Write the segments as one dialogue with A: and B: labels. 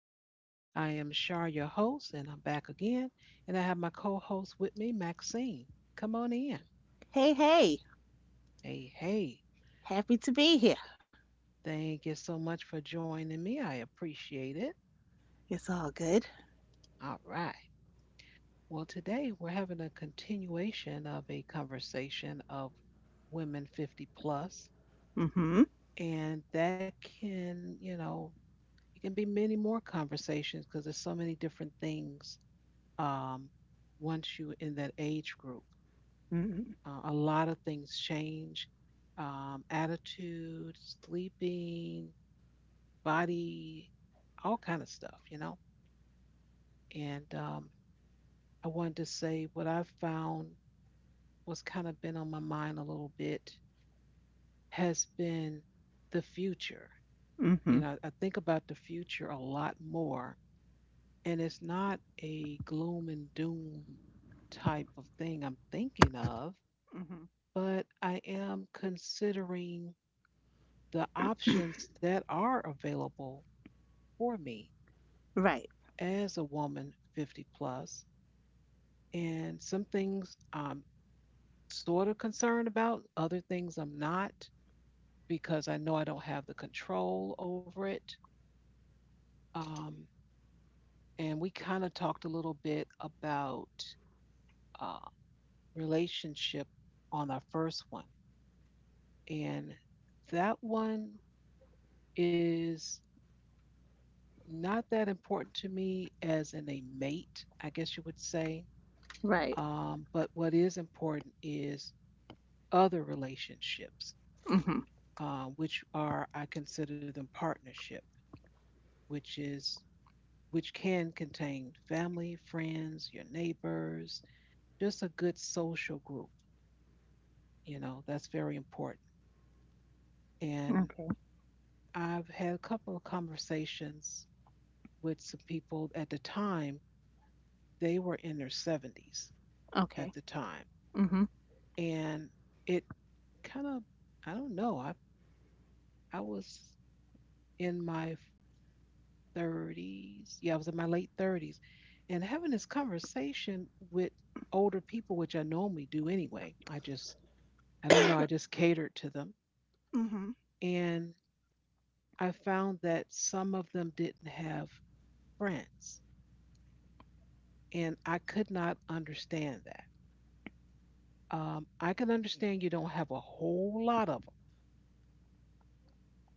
A: land. I am Shar, your host, and I'm back again. And I have my co host with me, Maxine. Come on in.
B: Hey, hey,
A: Hey, hey.
B: happy to be here.
A: Thank you so much for joining me. I appreciate it.
B: It's all good.
A: All right. Well, today we're having a continuation of a conversation of women 50 plus,
B: Mm-hmm.
A: and that can, it can be many more conversations because there's so many different things um, once you are in that age group.
B: Mm-hmm.
A: A lot of things change, attitude, sleeping, body, all kind of stuff, you know. And I wanted to say what I found was kind of been on my mind a little bit has been the future. You
B: Mm-hmm.
A: know, I think about the future a lot more, and it's not a gloom and doom type of thing I'm thinking of,
B: Mm-hmm.
A: but I am considering the options that are available for me
B: Right.
A: as a woman 50 plus. And some things I'm sort of concerned about, other things I'm not, because I know I don't have the control over it. Um, and we kind of talked a little bit about uh, relationship on our first one. And that one is not that important to me as in a mate, I guess you would say.
B: Right.
A: But what is important is other relationships,
B: Mm-hmm.
A: which are I consider them partnership, which is which can contain family, friends, your neighbors, just a good social group. You know that's very important. And
B: Okay.
A: I've had a couple of conversations with some people at the time. They were in their 70s
B: Okay.
A: at the time,
B: Mm-hmm.
A: and it kind of I don't know. I was in my 30s. Yeah, I was in my late 30s and having this conversation with older people, which I normally do anyway. I just I don't know, I just catered to them
B: Mm-hmm.
A: and I found that some of them didn't have friends and I could not understand that. I can understand you don't have a whole lot of them,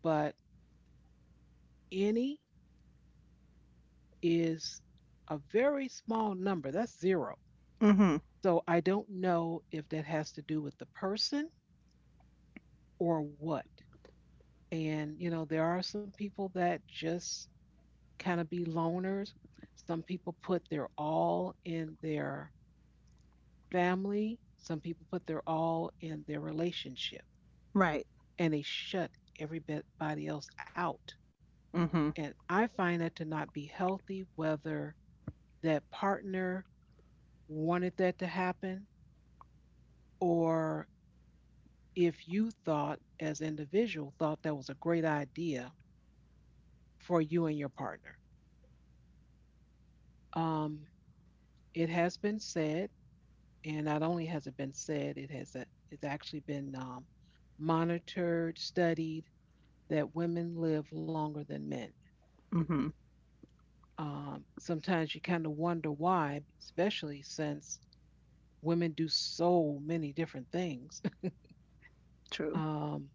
A: but any is a very small number. That's zero.
B: Mm-hmm.
A: So I don't know if that has to do with the person or what. And, you know, there are some people that just kind of be loners. Some people put their all in their family, some people put their all in their relationship,
B: Right.
A: and they shut everybody else out.
B: Mm-hmm.
A: And I find that to not be healthy, whether that partner wanted that to happen or if you thought as an individual thought that was a great idea for you and your partner. Um, it has been said, and not only has it been said, it's actually been monitored, studied that women live longer than men.
B: Mm-hmm.
A: Sometimes you kind of wonder why, especially since women do so many different things,
B: True.
A: um,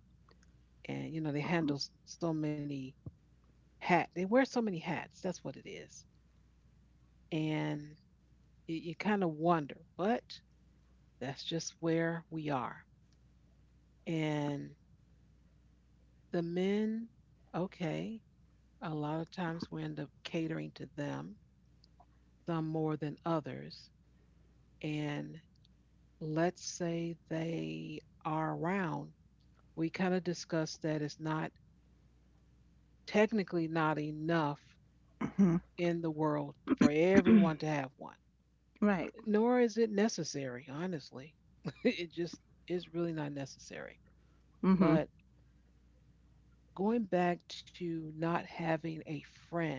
A: and you know they
B: Mm-hmm.
A: handle so many hats. They wear so many hats. That's what it is. And you kind of wonder, but that's just where we are. And the men, okay, a lot of times we end up catering to them, some more than others. And let's say they are around, we kind of discussed that it's not technically not enough in the world for everyone to have one,
B: Right.
A: nor is it necessary, honestly. it just is really not necessary.
B: Mm-hmm.
A: But going back to not having a friend,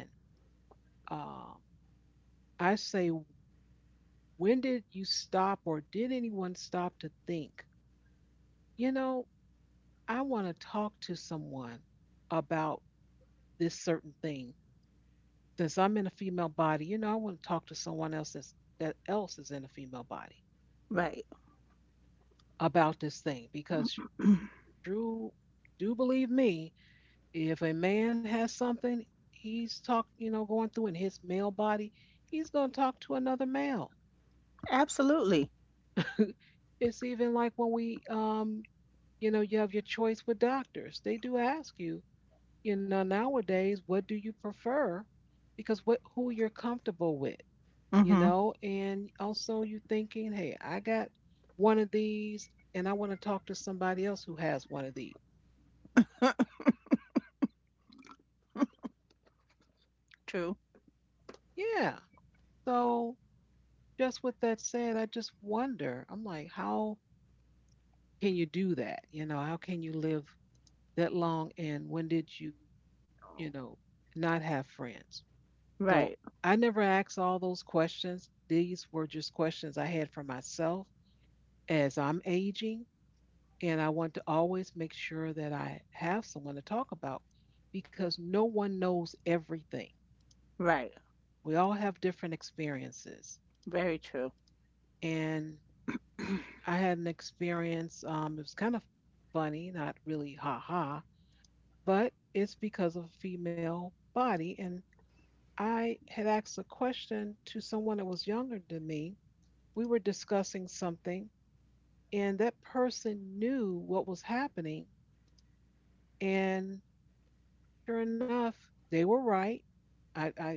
A: um, I say, when did you stop or did anyone stop to think, you know, I want to talk to someone about this certain thing? Since I'm in a female body, you know, I want to talk to someone else that else is in a female body
B: Right.
A: about this thing because Drew, do believe me, if a man has something you know, going through in his male body, he's going to talk to another male.
B: Absolutely.
A: It's even like when we you know you have your choice with doctors. They do ask you, you know, nowadays, what do you prefer? Because what who you're comfortable with, you
B: Mm-hmm.
A: know. And also you thinking, hey, I got one of these and I want to talk to somebody else who has one of these.
B: True.
A: Yeah. So just with that said, I just wonder, I'm like, how can you do that? You know, how can you live that long? And when did you, you know, not have friends? So
B: Right.
A: I never asked all those questions. These were just questions I had for myself as I'm aging. And I want to always make sure that I have someone to talk about because no one knows everything.
B: Right.
A: We all have different experiences.
B: Very true.
A: And I had an experience. It was kind of funny, not really ha ha, but it's because of a female body. And I had asked a question to someone that was younger than me, we were discussing something, and that person knew what was happening. And sure enough, they were right. I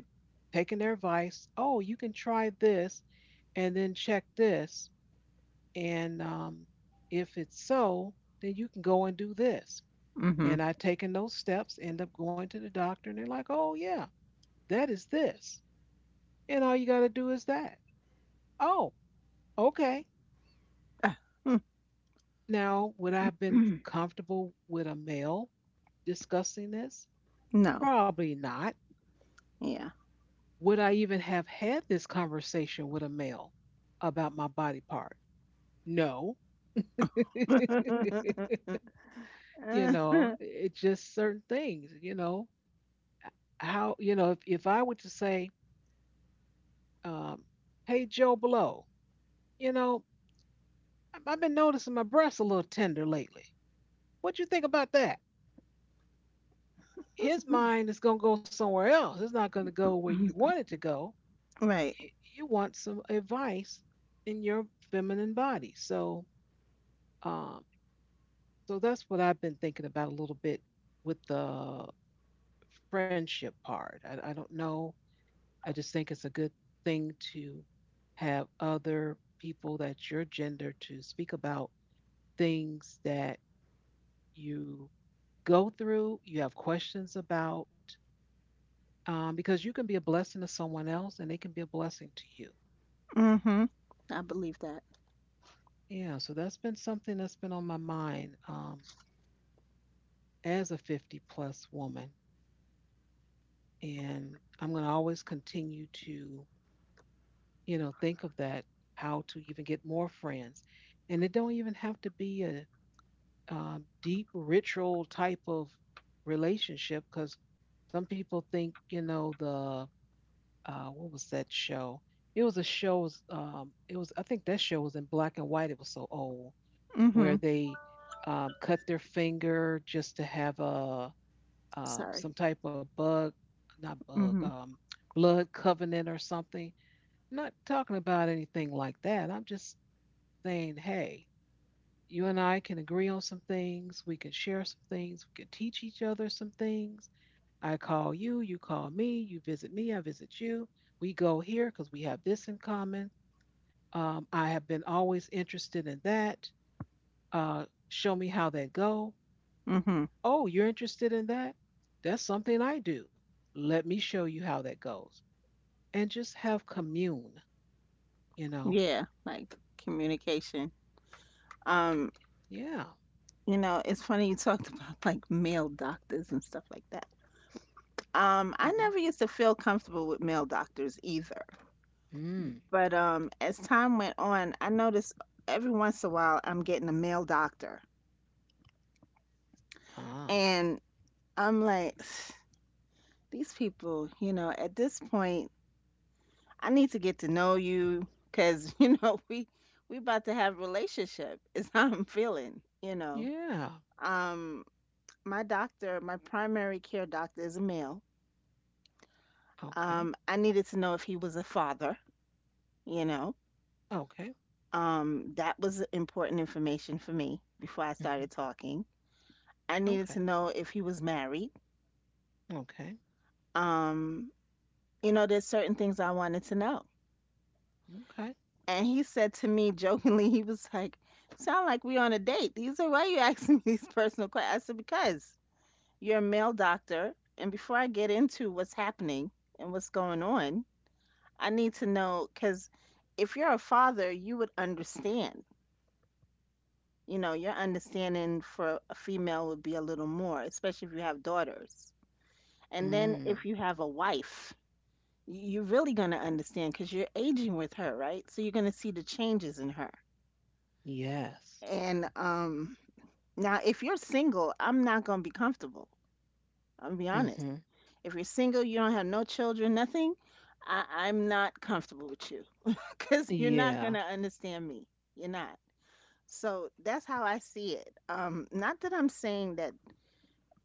A: taken their advice. Oh, you can try this and then check this. And if it's so, then you can go and do this.
B: Mm-hmm.
A: And I taken those steps, end up going to the doctor, and they're like, oh, yeah, that is this. And all you got to do is that. Oh, okay.
B: Ah, mm,
A: Now, would I have been comfortable with a male discussing this?
B: no.
A: Probably not.
B: Yeah.
A: Would I even have had this conversation with a male about my body part? No. You know, it's just certain things, you know. How, you know, if I were to say, um, hey, Joe Blow, you know, I've been noticing my breasts a little tender lately. What you think about that? His mind is going to go somewhere else. It's not going to go where you want it to go.
B: right.
A: You, you want some advice in your feminine body. So, um, so that's what I've been thinking about a little bit with the friendship part. I don't know. I just think it's a good thing to have other people that's your gender to speak about things that you go through, you have questions about, because you can be a blessing to someone else and they can be a blessing to you.
B: Mhm. I believe that.
A: Yeah, so that's been something that's been on my mind, as a 50 plus woman. And I'm going to always continue to, you know, think of that, how to even get more friends. And it don't even have to be a deep ritual type of relationship because some people think, you know, the what was that show? It was a show was, it was, I think that show was in black and white, it was so old, where
B: Mhm.
A: they cut their finger just to have a
B: Sorry.
A: some type of bug, not bug,
B: Mhm.
A: blood covenant or something. Not talking about anything like that. I'm just saying, hey, you and I can agree on some things. We can share some things. We can teach each other some things. I call you, you call me, you visit me, I visit you. We go here because we have this in common. I have been always interested in that. Show me how that go.
B: Mhm.
A: Oh, you're interested in that? That's something I do. Let me show you how that goes. And just have commune, you know?
B: Yeah, like communication. Um,
A: Yeah.
B: you know, it's funny you talked about like male doctors and stuff like that. I never used to feel comfortable with male doctors either.
A: Hmm.
B: But as time went on, I noticed every once in a while I'm getting a male doctor.
A: Ah,
B: And I'm like, these people, you know, at this point I need to get to know you because you know we about to have relationship is how I'm feeling. You know,
A: yeah.
B: um, my doctor, my primary care doctor is a male.
A: Okay.
B: I needed to know if he was a father. You know,
A: Okay.
B: that was important information for me before I
A: Hmm.
B: started talking. I needed to
A: Okay.
B: know if he was married.
A: Okay.
B: Um, you know, there's certain things I wanted to know.
A: Okay.
B: And he said to me jokingly, he was like, sound like we on a date. He said, why are you asking me these personal questions? I said, because you're a male doctor. And before I get into what's happening and what's going on, I need to know because if you're a father, you would understand. You know, your understanding for a female would be a little more, especially if you have daughters. And then
A: Mm,
B: if you have a wife, you're really going to understand because you're aging with her, right? So you're going to see the changes in her
A: yes.
B: and now, if you're single, I'm not gonna be comfortable. I'll be honest.
A: Hmm.
B: If you're single, you don't have no children, nothing, I'm not comfortable with you because you're not
A: Yeah.
B: gonna understand me. You're not. So that's how I see it. Not that I'm saying that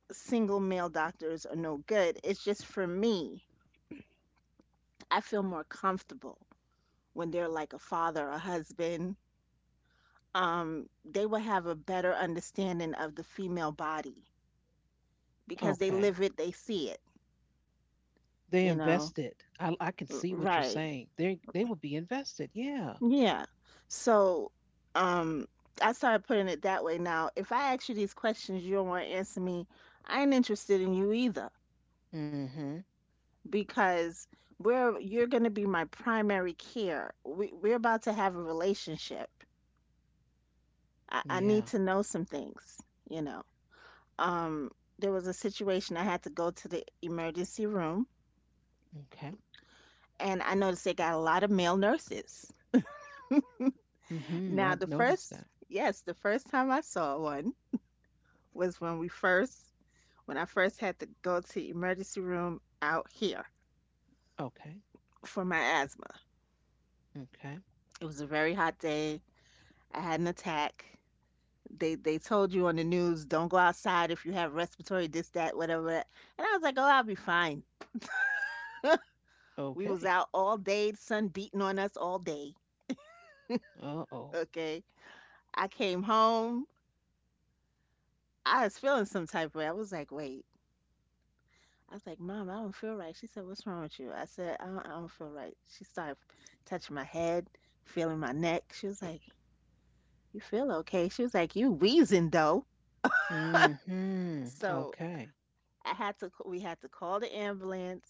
B: single male doctors are no good. It's just for me, I feel more comfortable when they're like a father, a husband. They will have a better understanding of the female body because they live
A: Okay.
B: it, they see it,
A: They
B: you know.
A: invested. I can see what you're
B: Right.
A: saying. They would be invested. Yeah.
B: Yeah. So, um, I started putting it that way. Now, if I ask you these questions, you don't want to answer me. I ain't interested in you either
A: Hmm.
B: because we're you're going to be my primary care. We're about to have a relationship. I need
A: Yeah.
B: to know some things. You know. Um, there was a situation I had to go to the emergency room,
A: Okay.
B: and I noticed they got a lot of male nurses.
A: Mm-hmm.
B: Now,
A: I've noticed that.
B: yes, the first time I saw one was when we first when I first had to go to the emergency room out here
A: Okay.
B: for my asthma.
A: Okay.
B: It was a very hot day. I had an attack. They told you on the news, don't go outside if you have respiratory this, that, whatever. And I was like, oh, I'll be fine. We was
A: Okay.
B: out all day, the sun beating on us all day.
A: Uh-oh.
B: Okay. I came home. I was feeling some type of way. I was like, wait. I was like, Mom, I don't feel right. She said, what's wrong with you? I said, I don't feel right. She started touching my head, feeling my neck. She was like, you feel okay? She was like, you wheezing though.
A: Hmm.
B: So
A: Okay.
B: we had to call the ambulance.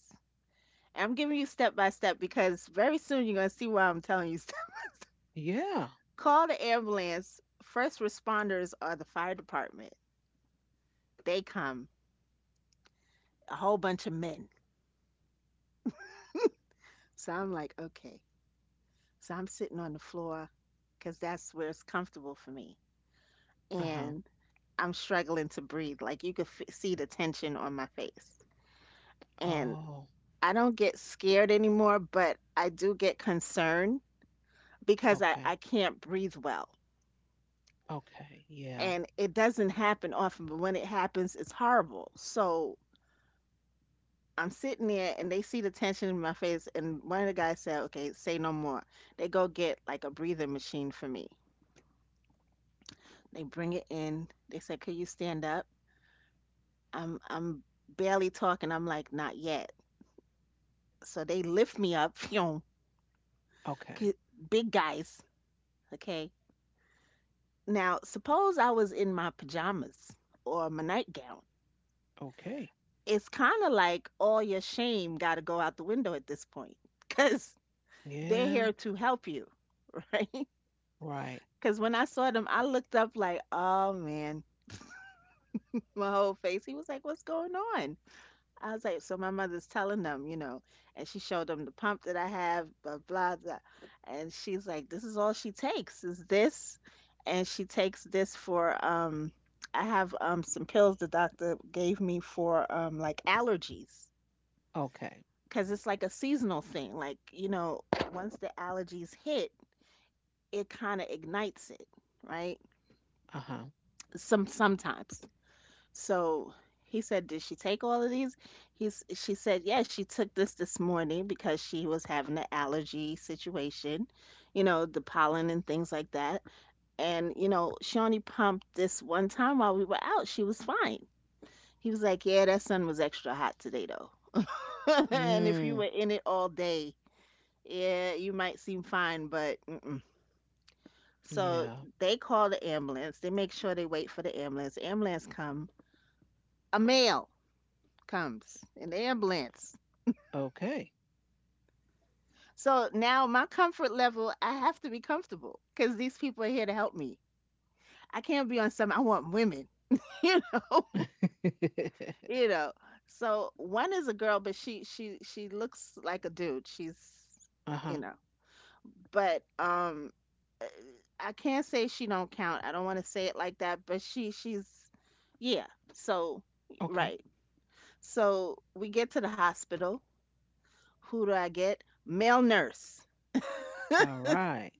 B: I'm giving you step by step because very soon you're going to see why I'm telling you stuff.
A: Yeah.
B: Call the ambulance. First responders are the fire department. They come, a whole bunch of men. So I'm like, okay. So I'm sitting on the floor because that's where it's comfortable for me.
A: Uh-huh.
B: And I'm struggling to breathe. Like you could see the tension on my face. And
A: Oh,
B: I don't get scared anymore, but I do get concerned because I
A: okay.
B: can't breathe well.
A: Okay. Yeah.
B: And it doesn't happen often, but when it happens, it's horrible. So I'm sitting there and they see the tension in my face. And one of the guys said, okay, say no more. They go get like a breathing machine for me. They bring it in. They say, could you stand up? I'm barely talking. I'm like, not yet. So they lift me up. Phew,
A: Okay.
B: 'cause big guys. Okay. Now, suppose I was in my pajamas or my nightgown.
A: Okay.
B: It's kind of like all your shame got to go out the window at this point because they're here
A: Yeah,
B: to help you, right?
A: right.
B: Because when I saw them, I looked up like, oh man, my whole face. He was like, what's going on? I was like, so my mother's telling them, you know, and she showed them the pump that I have, blah, blah, blah. And she's like, this is all she takes is this. And she takes this for, I have some pills the doctor gave me for like allergies.
A: Okay.
B: Because it's like a seasonal thing. Like, you know, once the allergies hit, it kind of ignites it, right?
A: Uh-huh.
B: Sometimes. So he said, "Did she take all of these?" He's she said, "Yeah, she took this this morning because she was having an allergy situation, you know, the pollen and things like that. And you know, she only pumped this one time while we were out. She was fine." He was like, "Yeah, that sun was extra hot today though. And if you
A: Mm,
B: were in it all day, yeah, you might seem fine, but mm-mm." So
A: yeah.
B: they call the ambulance. They make sure they wait for the ambulance. Ambulance come. A male comes in the ambulance.
A: Okay.
B: So now my comfort level, I have to be comfortable because these people are here to help me. I can't be on some. I want women, you know, you know. So one is a girl, but she looks like a dude. She's, you
A: uh-huh.
B: know, but I can't say she don't count. I don't want to say it like that, but she's, yeah. So
A: Okay.
B: right. So we get to the hospital. Who do I get? Male nurse.
A: All right.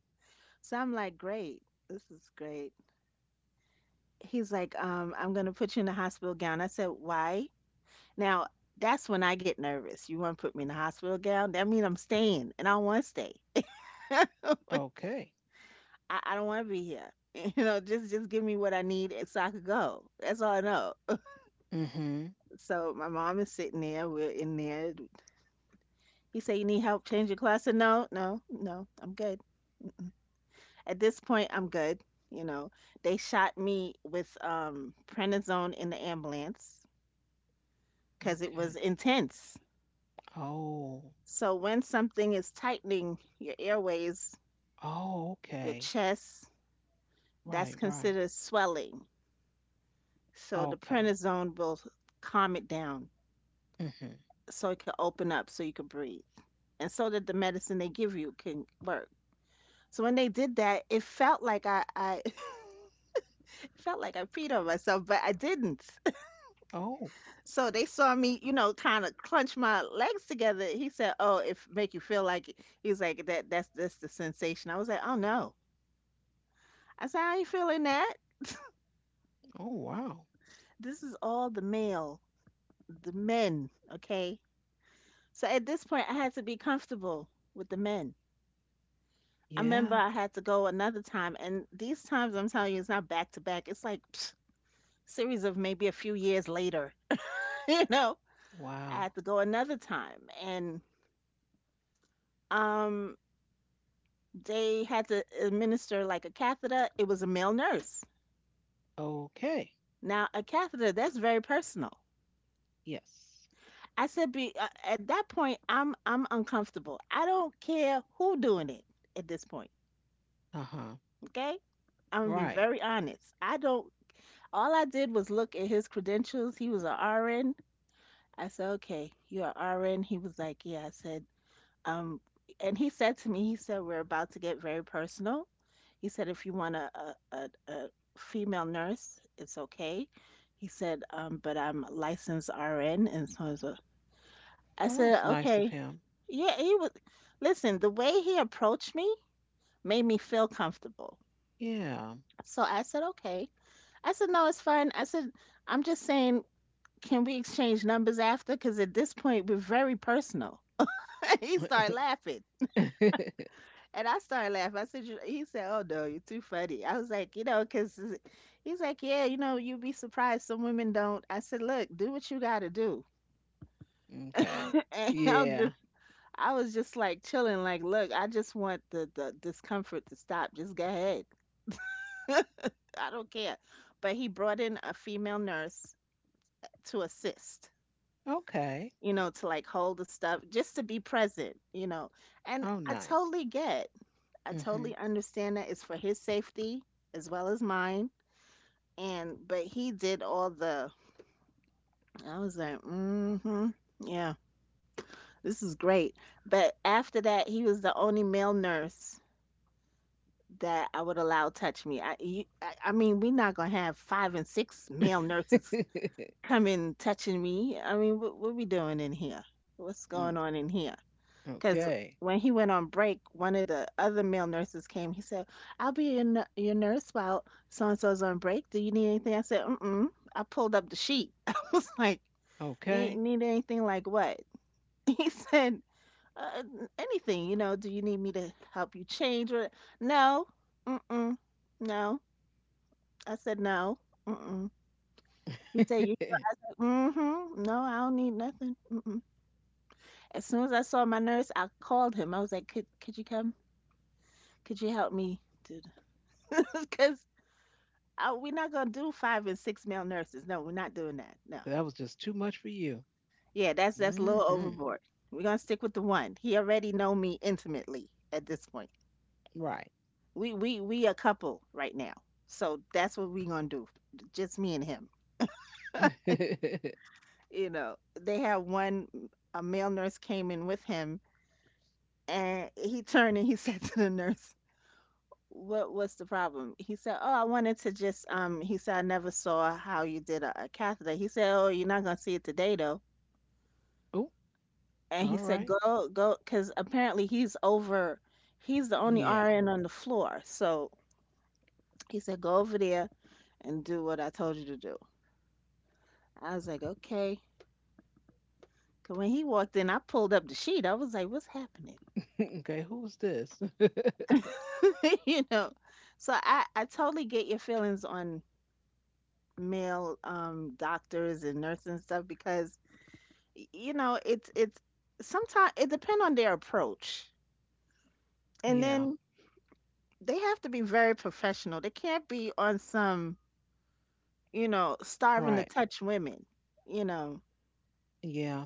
B: So I'm like, great. This is great. He's like, I'm gonna put you in a hospital gown. I said, why? Now that's when I get nervous. You want to put me in a hospital gown? That means I'm staying, and I don't want to stay. I,
A: Okay.
B: I don't want to be here. You know, just give me what I need and so I could go. That's all I know.
A: Mm-hmm.
B: So my mom is sitting there. We're in there. He said, "You need help? Change your clothes." I said, "No, no, no. I'm good. At this point, I'm good." You know, they shot me with prednisone in the ambulance because it was
A: Okay.
B: intense.
A: Oh.
B: So when something is tightening your airways,
A: Oh,
B: your
A: okay.
B: chest, that's
A: Right, right.
B: considered swelling. So the
A: Okay.
B: prednisone will calm it down
A: Mm-hmm.
B: so it can open up so you can breathe and so that the medicine they give you can work. So when they did that, it felt like I it felt like I peed on myself, but I didn't.
A: Oh.
B: So they saw me, you know, kind of clench my legs together. He said, "Oh, if make you feel like it." He's like that. That's the sensation." I was like, "Oh no." I said, "I ain't feeling that."
A: Oh, wow.
B: This is all the male, the men, okay? So at this point, I had to be comfortable with the men. I remember
A: Yeah.
B: I had to go another time, and these times I'm telling you, it's not back to back. It's like psh, series of maybe a few years later, you know. I had
A: Wow.
B: to go another time, and um, they had to administer like a catheter. It was a male nurse.
A: Okay.
B: Now a catheter, that's very personal.
A: Yes.
B: I said, at that point, I'm uncomfortable. I don't care who doing it at this point.
A: Uh-huh.
B: Okay? I'm gonna be
A: Right.
B: very honest. I don't all I did was look at his credentials. He was a RN. I said, okay, you're a RN. He was like, yeah, I said, um and he said to me, he said, we're about to get very personal. He said, if you want a female nurse, it's okay. He said, but I'm a licensed RN and so I was a- I
A: Well, that was
B: said,
A: nice of
B: okay.
A: him.
B: Yeah, he was listen, the way he approached me made me feel comfortable.
A: Yeah.
B: So I said, okay. I said, no, it's fine. I said, I'm just saying, can we exchange numbers after? Because at this point, we're very personal. He started laughing. And I started laughing. I said, "You-" he said, "Oh, no, you're too funny." I was like, you know, because he's like, "Yeah, you know, you'd be surprised. Some women don't." I said, "Look, do what you got to do."
A: okay.
B: and I'll
A: Yeah.
B: just, I was just like chilling, like, look, I just want the discomfort to stop. Just go ahead. I don't care. But he brought in a female nurse to assist.
A: Okay.
B: To like hold the stuff, just to be present, And
A: Oh, nice.
B: I
A: Hmm.
B: totally understand that it's for his safety as well as mine. And, but he did all the, I was like, mm hmm, yeah, this is great. But after that, he was the only male nurse that I would allow touch me. I mean, we're not going to have five and six male nurses coming touching me. I mean, what we doing in here? What's
A: Mm,
B: going on in here? Because
A: okay.
B: when he went on break, one of the other male nurses came. He said, "I'll be your, your nurse while so and so's on break. Do you need anything?" I said, "Mm-mm." I pulled up the sheet. I was like, need,
A: Okay.
B: need anything like what? He said, uh, "Anything, you know, do you need me to help you change? Or" No, mm-mm, no. I said, "No, mm-mm." He said, "You sure?" I said, "Mm-hmm, no, I don't need nothing, mm-mm." As soon as I saw my nurse, I called him. I was like, could you come? Could you help me? Because we're not gonna do five and six male nurses. No, we're not doing that. No.
A: that was just too much for you.
B: Yeah, that's a little
A: Hmm.
B: overboard. We're gonna stick with the one. He already know me intimately at this point.
A: Right.
B: We a couple right now, so that's what we're gonna do. Just me and him. You know, they had one. A male nurse came in with him, and he turned and he said to the nurse, "What was the problem?" He said, "Oh, I wanted to just." He said, "I never saw how you did a catheter." He said, "Oh, you're not gonna see it today, though."
A: oh,
B: And
A: all
B: he said,
A: right.
B: "Go go," because apparently he's over. He's the only
A: Yeah.
B: RN on the floor, so he said, "Go over there and do what I told you to do." I was like, "Okay." 'Cause when he walked in, I pulled up the sheet. I was like, "What's happening?"
A: okay. Who's this?
B: you know. So I totally get your feelings on male doctors and nurses and stuff because you know it's sometimes it depends on their approach, and
A: yeah.
B: then they have to be very professional. They can't be on some, you know, starving to
A: Right.
B: touch women, you know.
A: Yeah.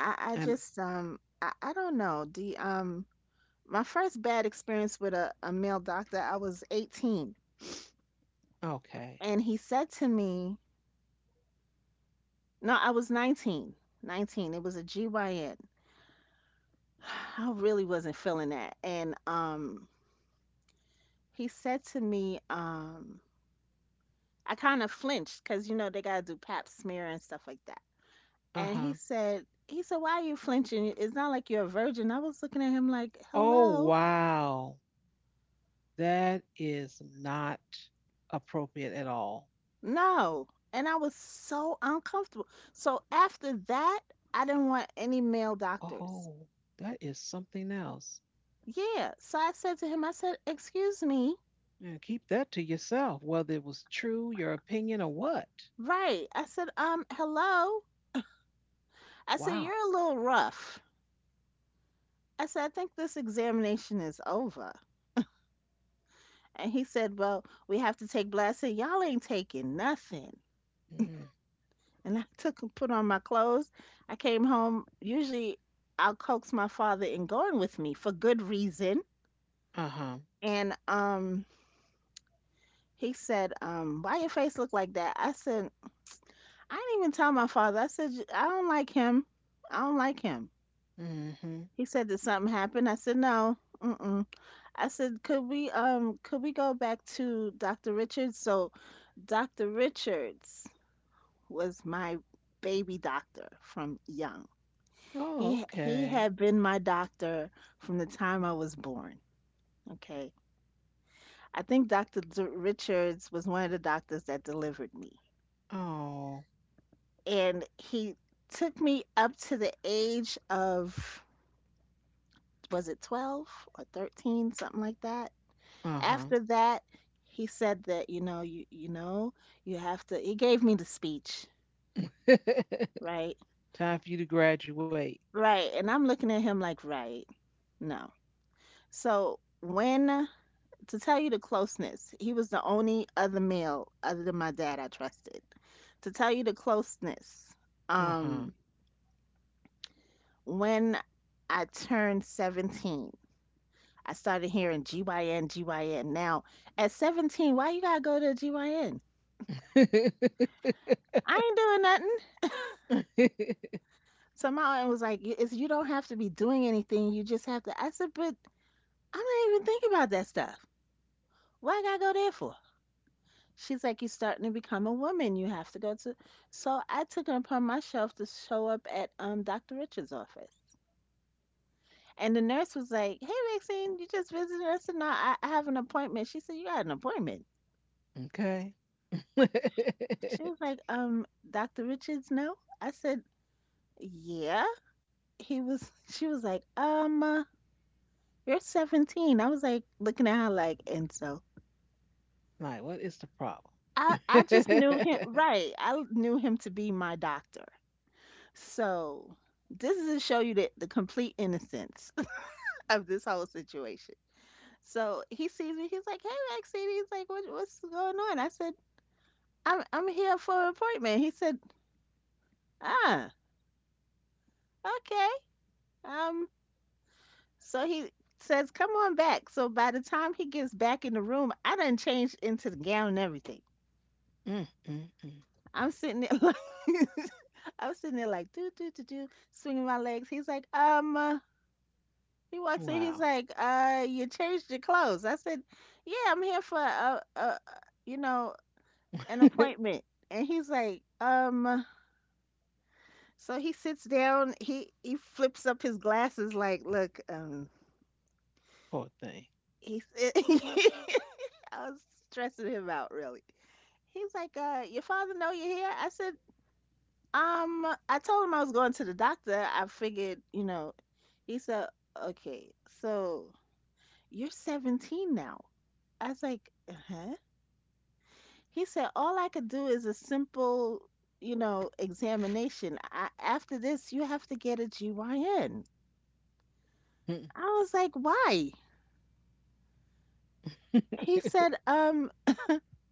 B: I
A: Um.
B: just I don't know the um. My first bad experience with a male doctor, I was 18,
A: Okay.
B: and he said to me, no, I was 19. 19, it was a gyn. I really wasn't feeling that, and he said to me, um, I kind of flinched because, you know, they gotta do pap smear and stuff like that.
A: Uh
B: And
A: huh.
B: he said, "Why are you flinching? It's not like you're a virgin." I was looking at him like,
A: Oh
B: hello,
A: wow. That is not appropriate at all.
B: no. And I was so uncomfortable. So after that, I didn't want any male doctors.
A: Oh, that is something else.
B: Yeah. So I said to him, I said, "Excuse me."
A: Yeah, keep that to yourself, whether it was true, your opinion, or what.
B: Right. I said, hello. I said, "You're
A: Wow.
B: a little rough." I said, "I think this examination is over." And he said, "Well, we have to take blood." I said, "Y'all ain't taking nothing."
A: Mm.
B: And I took and put on my clothes. I came home. Usually, I'll coax my father in going with me for good reason.
A: Uh huh.
B: And he said, "Why your face look like that?" I said, "I didn't even tell my father." I said, "I don't like him. I don't like him."
A: Mm-hmm.
B: He said, "Did something happen?" I said, "No." Mm-mm. I said, could we go back to Dr. Richards?" So Dr. Richards was my baby doctor from young.
A: Oh,
B: He
A: okay.
B: had been my doctor from the time I was born. Okay. I think Richards was one of the doctors that delivered me.
A: Oh,
B: And he took me up to the age of, was it 12 or 13, something like that.
A: uh huh.
B: After that, he said that, you know, you know, you have to he gave me the speech, right?
A: Time for you to graduate.
B: Right. And I'm looking at him like, right. No. So when, to tell you the closeness, he was the only other male other than my dad I trusted. To tell you the closeness,
A: Uh huh.
B: um, when I turned 17, I started hearing GYN, GYN. Now, at 17, why you gotta go to GYN? I ain't doing nothing. So my aunt was like, It's, you don't have to be doing anything. You just have to." I said, "But I'm not even thinking about that stuff. What I gotta go there for?" She's like, "You're starting to become a woman. You have to go to." So I took it upon myself to show up at Dr. Richard's office. And the nurse was like, "Hey, Maxine, you just visited us." And I have an appointment. She said, "You got an appointment."
A: okay.
B: She was like, "Dr. Richards, no?" I said, "Yeah." She was like, "You're 17." I was like, looking at her like, and so
A: like, what is the problem?
B: I just knew him,
A: mm,
B: right? I knew him to be my doctor. So this is to show you the complete innocence of this whole situation. So he sees me. He's like, "Hey, Maxine." He's like, "What's going on?" I said, I'm here for an appointment." He said, "Ah, okay." Um, so he says, "Come on back." So by the time he gets back in the room, I done changed into the gown and everything.
A: mm, mm.
B: I'm sitting there like, I'm sitting there like, do do do do, swinging my legs. He's like, He walks in,
A: Wow.
B: he's like, "You changed your clothes." I said, "Yeah, I'm here for a, a- you know, an appointment." And he's like, so he sits down, he flips up his glasses like, look,
A: Poor thing.
B: he's, I was stressing him out really. He's like, "Your father know you're here?" I said, I told him I was going to the doctor. I figured, you know," he said, "Okay, so you're 17 now." I was like, "Uh-huh." He said, "All I could do is a simple, you know, examination. After this, you have to get a GYN." I was like, "Why?" He said,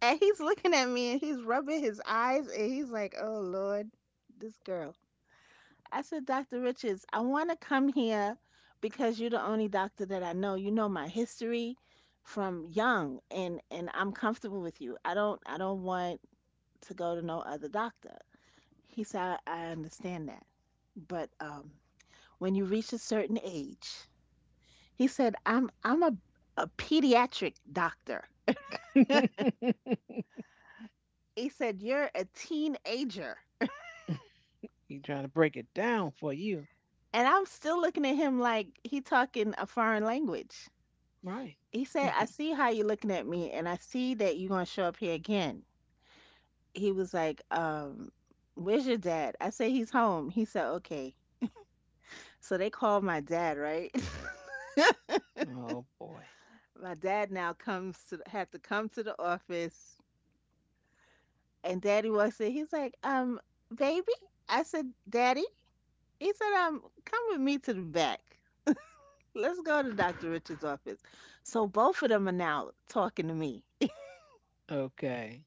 B: and he's looking at me and he's rubbing his eyes and he's like, "Oh, Lord, this girl." I said, "Dr. Richards, I want to come here because you're the only doctor that I know. You know my history from young, and I'm comfortable with you. I don't want to go to no other doctor." He said, I understand that. But when you reach a certain age," he said, I'm a pediatric doctor." He said, "You're a teenager."
A: he trying to break it down for you.
B: And I'm still looking at him like he talking a foreign language.
A: Right.
B: He said, "I see how you're looking at me and I see that you're gonna show up here again." He was like, "Where's your dad?" I say, "He's home." He said, "Okay." So they called my dad, right?
A: oh boy.
B: my dad now comes to had to come to the office. And daddy walks in. He's like, "Baby?" I said, "Daddy?" He said, Come with me to the back. Let's go to Dr. Richard's office." So both of them are now talking to me.
A: Okay.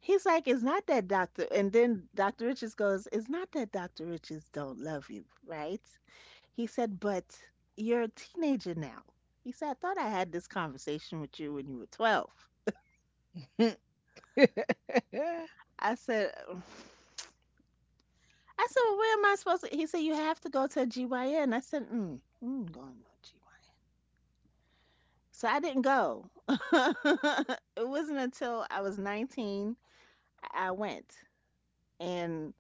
B: He's like, "It's not that doctor." And then Dr. Richards goes, "It's not that Dr. Richards don't love you, right?" He said, "But you're a teenager now." He said, "I thought I had this conversation with you when you were 12." I said, I said, "Well, where am I supposed to?" He said, "You have to go to a GYN." I said, "Mm, mm, going to a GYN." So I didn't go. It wasn't until I was 19 I went and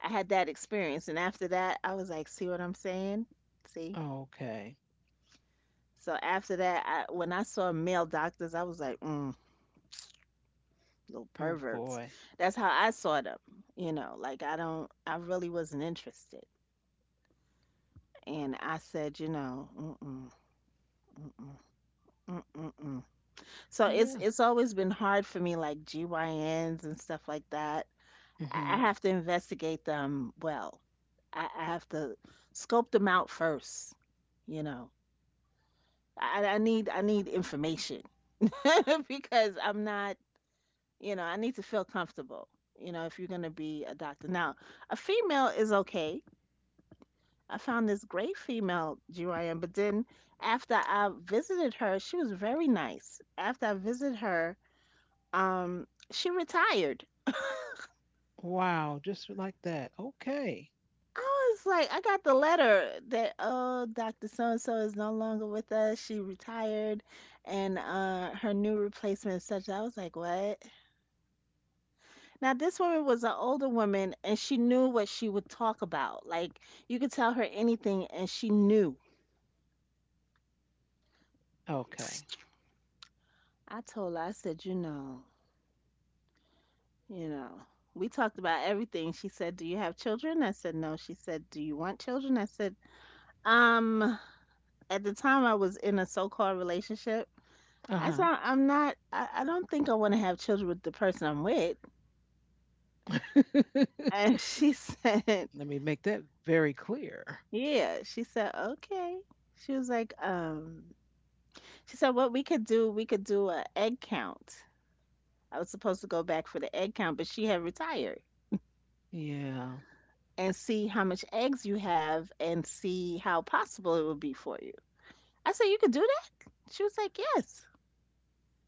B: I had that experience. And after that, I was like, see what I'm saying? See?
A: okay.
B: So after that, when I saw male doctors, I was like, mm, little
A: Oh
B: perverts.
A: boy.
B: That's how I saw them. You know, like I really wasn't interested. And I said, you know, mm-mm, mm-mm, mm-mm, mm-mm. So it's
A: Yeah.
B: it's always been hard for me, like GYNs and stuff like that. I
A: Hmm.
B: have to investigate them well. I have to scope them out first, you know. I need information because I'm not, I need to feel comfortable, if you're gonna be a doctor. Now, a female is okay. I found this great female GYN, but then after I visited her, she was very nice. After I visited her, she retired.
A: Wow. Just like that. Okay.
B: I was like, I got the letter that, oh, Dr. So and so is no longer with us. She retired, and her new replacement is such. I was like, what? Now this woman was an older woman, and she knew what she would talk about. Like, you could tell her anything, and she knew.
A: Okay.
B: I told her, I said, you know, we talked about everything. She said, do you have children? I said, no. She said, do you want children? I said, um, at the time I was in a so-called relationship.
A: Uh
B: That's
A: huh.
B: why I'm not, I don't think I want to have children with the person I'm with. And she said,
A: Let me make that very clear.
B: yeah, she said, okay. She was like, she said, what we could do a egg count. I was supposed to go back for the egg count, but she had retired,
A: Yeah.
B: and see how much eggs you have and see how possible it would be for you. I said, you could do that? She was like, yes.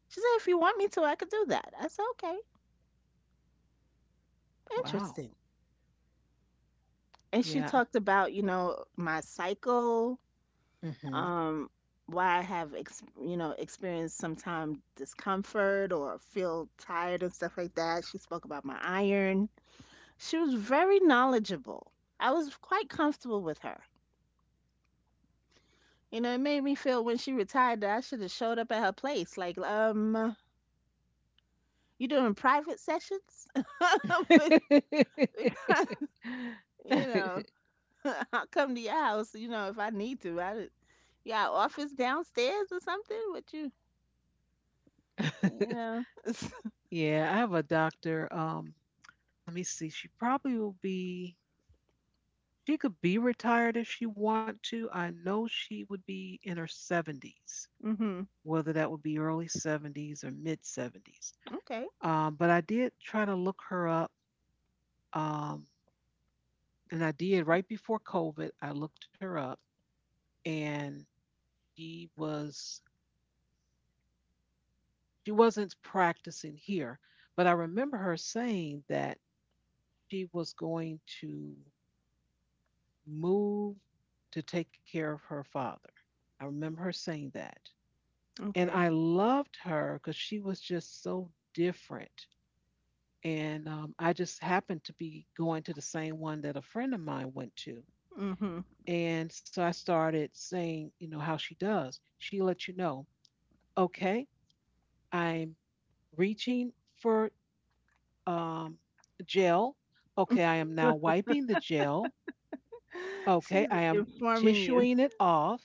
B: She said, if you want me to, I could do that. I said, okay,
A: Wow.
B: interesting. And she
A: Yeah.
B: talked about, my cycle,
A: Hmm.
B: um, why I have experienced sometime discomfort or feel tired and stuff like that. She spoke about my iron. She was very knowledgeable. I was quite comfortable with her. You know, it made me feel when she retired that I should have showed up at her place. Like, you doing private sessions? But because, you know, I'll come to your house. You know, if I need to. I Yeah, office downstairs or something. What you know?
A: yeah. I have a doctor. Let me see. She probably will be, she could be retired if she want to. I know she would be in her 70s,
B: Hmm.
A: whether that would be early 70s or mid 70s.
B: Okay.
A: But I did try to look her up, um, and I did right before COVID. I looked her up, and she was she wasn't practicing here, but I remember her saying that she was going to move to take care of her father. I remember her saying that. And
B: Okay.
A: I loved her because she was just so different. And I just happened to be going to the same one that a friend of mine went to.
B: Mhm.
A: And so I started saying, you know, how she does. She lets you know, okay, I'm reaching for um, gel. Okay, I am now wiping the gel. Okay,
B: She's
A: I am
B: informing
A: tissuing
B: you.
A: it off.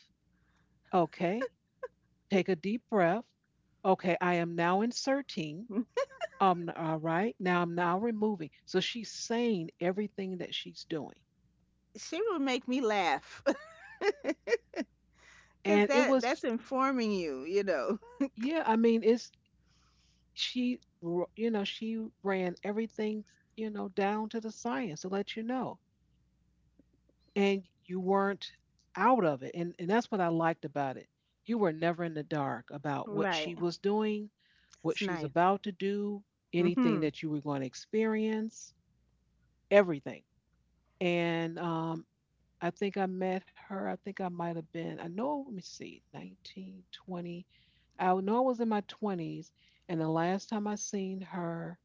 A: Okay, take a deep breath. Okay, I am now inserting. All right, now removing. So she's saying everything that she's doing.
B: She would make me laugh.
A: And
B: Cuz
A: it
B: that
A: was,
B: that's informing you, you know.
A: yeah, I mean, it's, you know, she ran everything, you know, down to the science to let you know. And you weren't out of it. And that's what I liked about it. You were never in the dark about what
B: Right.
A: she was doing, what
B: That's
A: she was
B: nice.
A: about to do, anything
B: Mhm.
A: that you were going to experience, everything. And I think I met her. I think I might have been, I know, let me see, 19, 20. I know I was in my 20s. And the last time I seen her,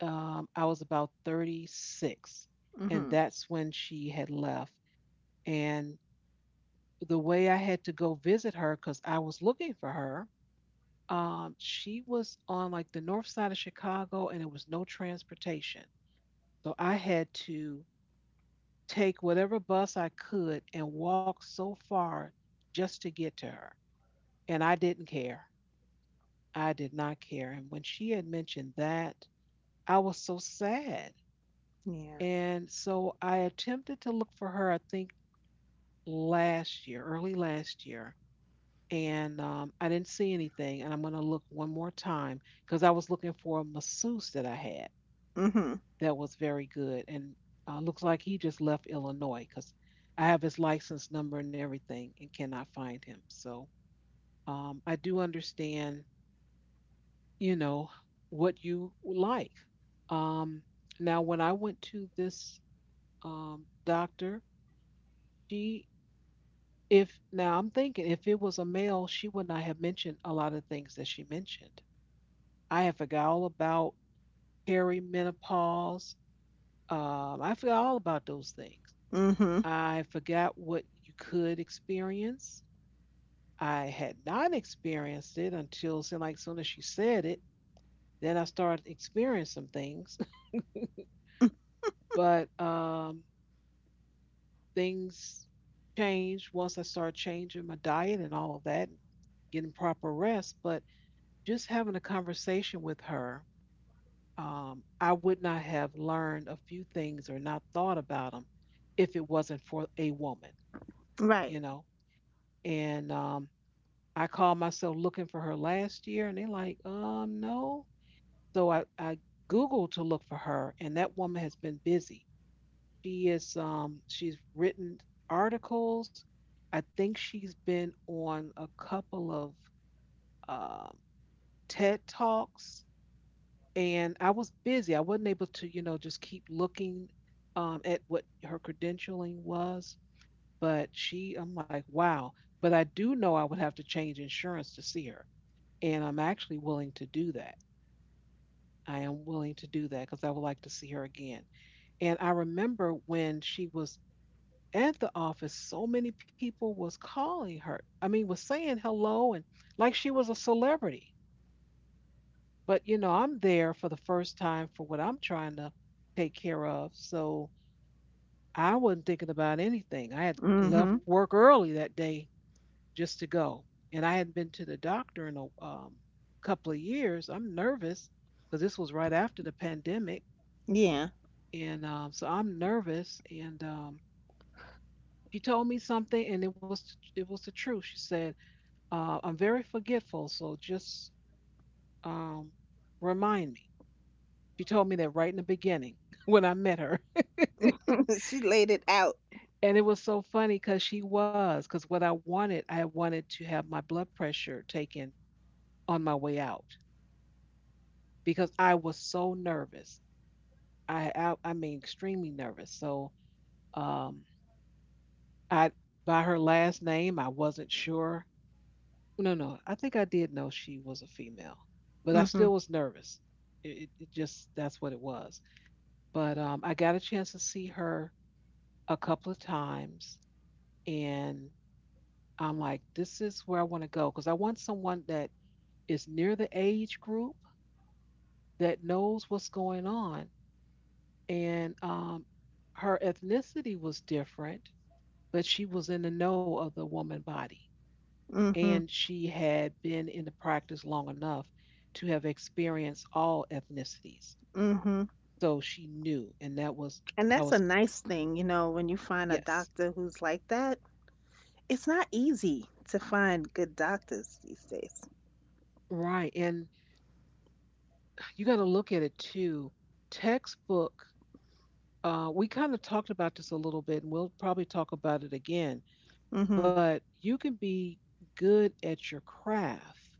A: I was about 36. And
B: Mhm.
A: that's when she had left. And the way I had to go visit her, because I was looking for her, she was on like the north side of Chicago and there was no transportation. So I had to take whatever bus I could and walk so far just to get to her. And I didn't care. I did not care. And when she had mentioned that, I was so sad.
B: Yeah.
A: And so I attempted to look for her, I think last year, early last year. And I didn't see anything. And I'm going to look one more time because I was looking for a masseuse that I had,
B: Mhm.
A: that was very good. And looks like he just left Illinois because I have his license number and everything and cannot find him. So I do understand, you know, what you like. Um, now, when I went to this doctor, she, if now I'm thinking if it was a male, she would not have mentioned a lot of things that she mentioned. I had forgot all about perimenopause. I forgot all about those things.
B: Mhm.
A: I forgot what you could experience. I had not experienced it until so like soon as she said it. Then I started experiencing some things, but things changed once I started changing my diet and all of that, getting proper rest. But just having a conversation with her, I would not have learned a few things or not thought about them if it wasn't for a woman, you
B: Right.
A: know. And I called myself looking for her last year, and they're like, no. So I Googled to look for her, and that woman has been busy. She's written articles. I think she's been on a couple of uh, TED Talks, and I was busy. I wasn't able to, you know, just keep looking at what her credentialing was. But she, I'm like, wow. But I do know I would have to change insurance to see her, and I'm actually willing to do that. I am willing to do that because I would like to see her again. And I remember when she was at the office, so many people was calling her. I mean, was saying hello and like she was a celebrity. But you know, I'm there for the first time for what I'm trying to take care of. So I wasn't thinking about anything. I had
B: Mhm.
A: left work early that day just to go. And I hadn't been to the doctor in a couple of years. I'm nervous because this was right after the pandemic,
B: Yeah.
A: and so I'm nervous. And she told me something, and it was the truth. She said, "I'm very forgetful, so just um, remind me." She told me that right in the beginning when I met her.
B: She laid it out.
A: And it was so funny because because I wanted to have my blood pressure taken on my way out because I was so nervous. I mean extremely nervous. So um I by her last name I wasn't sure. No, no, I think I did know she was a female, but I
B: Mhm.
A: still was nervous. It just that's what it was. But I got a chance to see her a couple of times, and I'm like, this is where I want to go because I want someone that is near the age group that knows what's going on, and her ethnicity was different, but she was in the know of the woman body
B: Mhm.
A: and she had been in the practice long enough to have experienced all ethnicities,
B: Mhm.
A: so she knew. And that was
B: And
A: I
B: that's a
A: was,
B: nice thing, when you find a
A: yes,
B: doctor who's like that. It's not easy to find good doctors these days.
A: right. And you got to look at it too. Textbook, we kind of talked about this a little bit and we'll probably talk about it again,
B: Mhm.
A: but you can be good at your craft,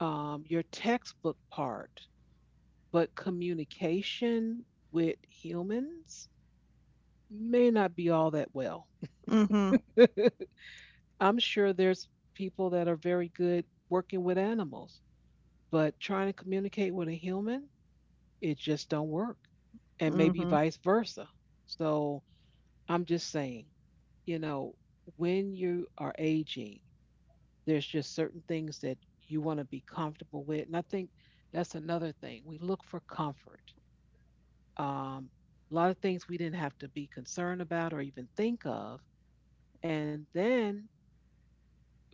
A: your textbook part, but communication with humans may not be all that well.
B: Mhm.
A: I'm sure there's people that are very good working with animals, but trying to communicate with a human, it just don't work. And maybe
B: Mhm.
A: vice versa. So I'm just saying, you know, when you are aging, there's just certain things that you want to be comfortable with. And I think that's another thing. We look for comfort. Um, a lot of things we didn't have to be concerned about or even think of. And then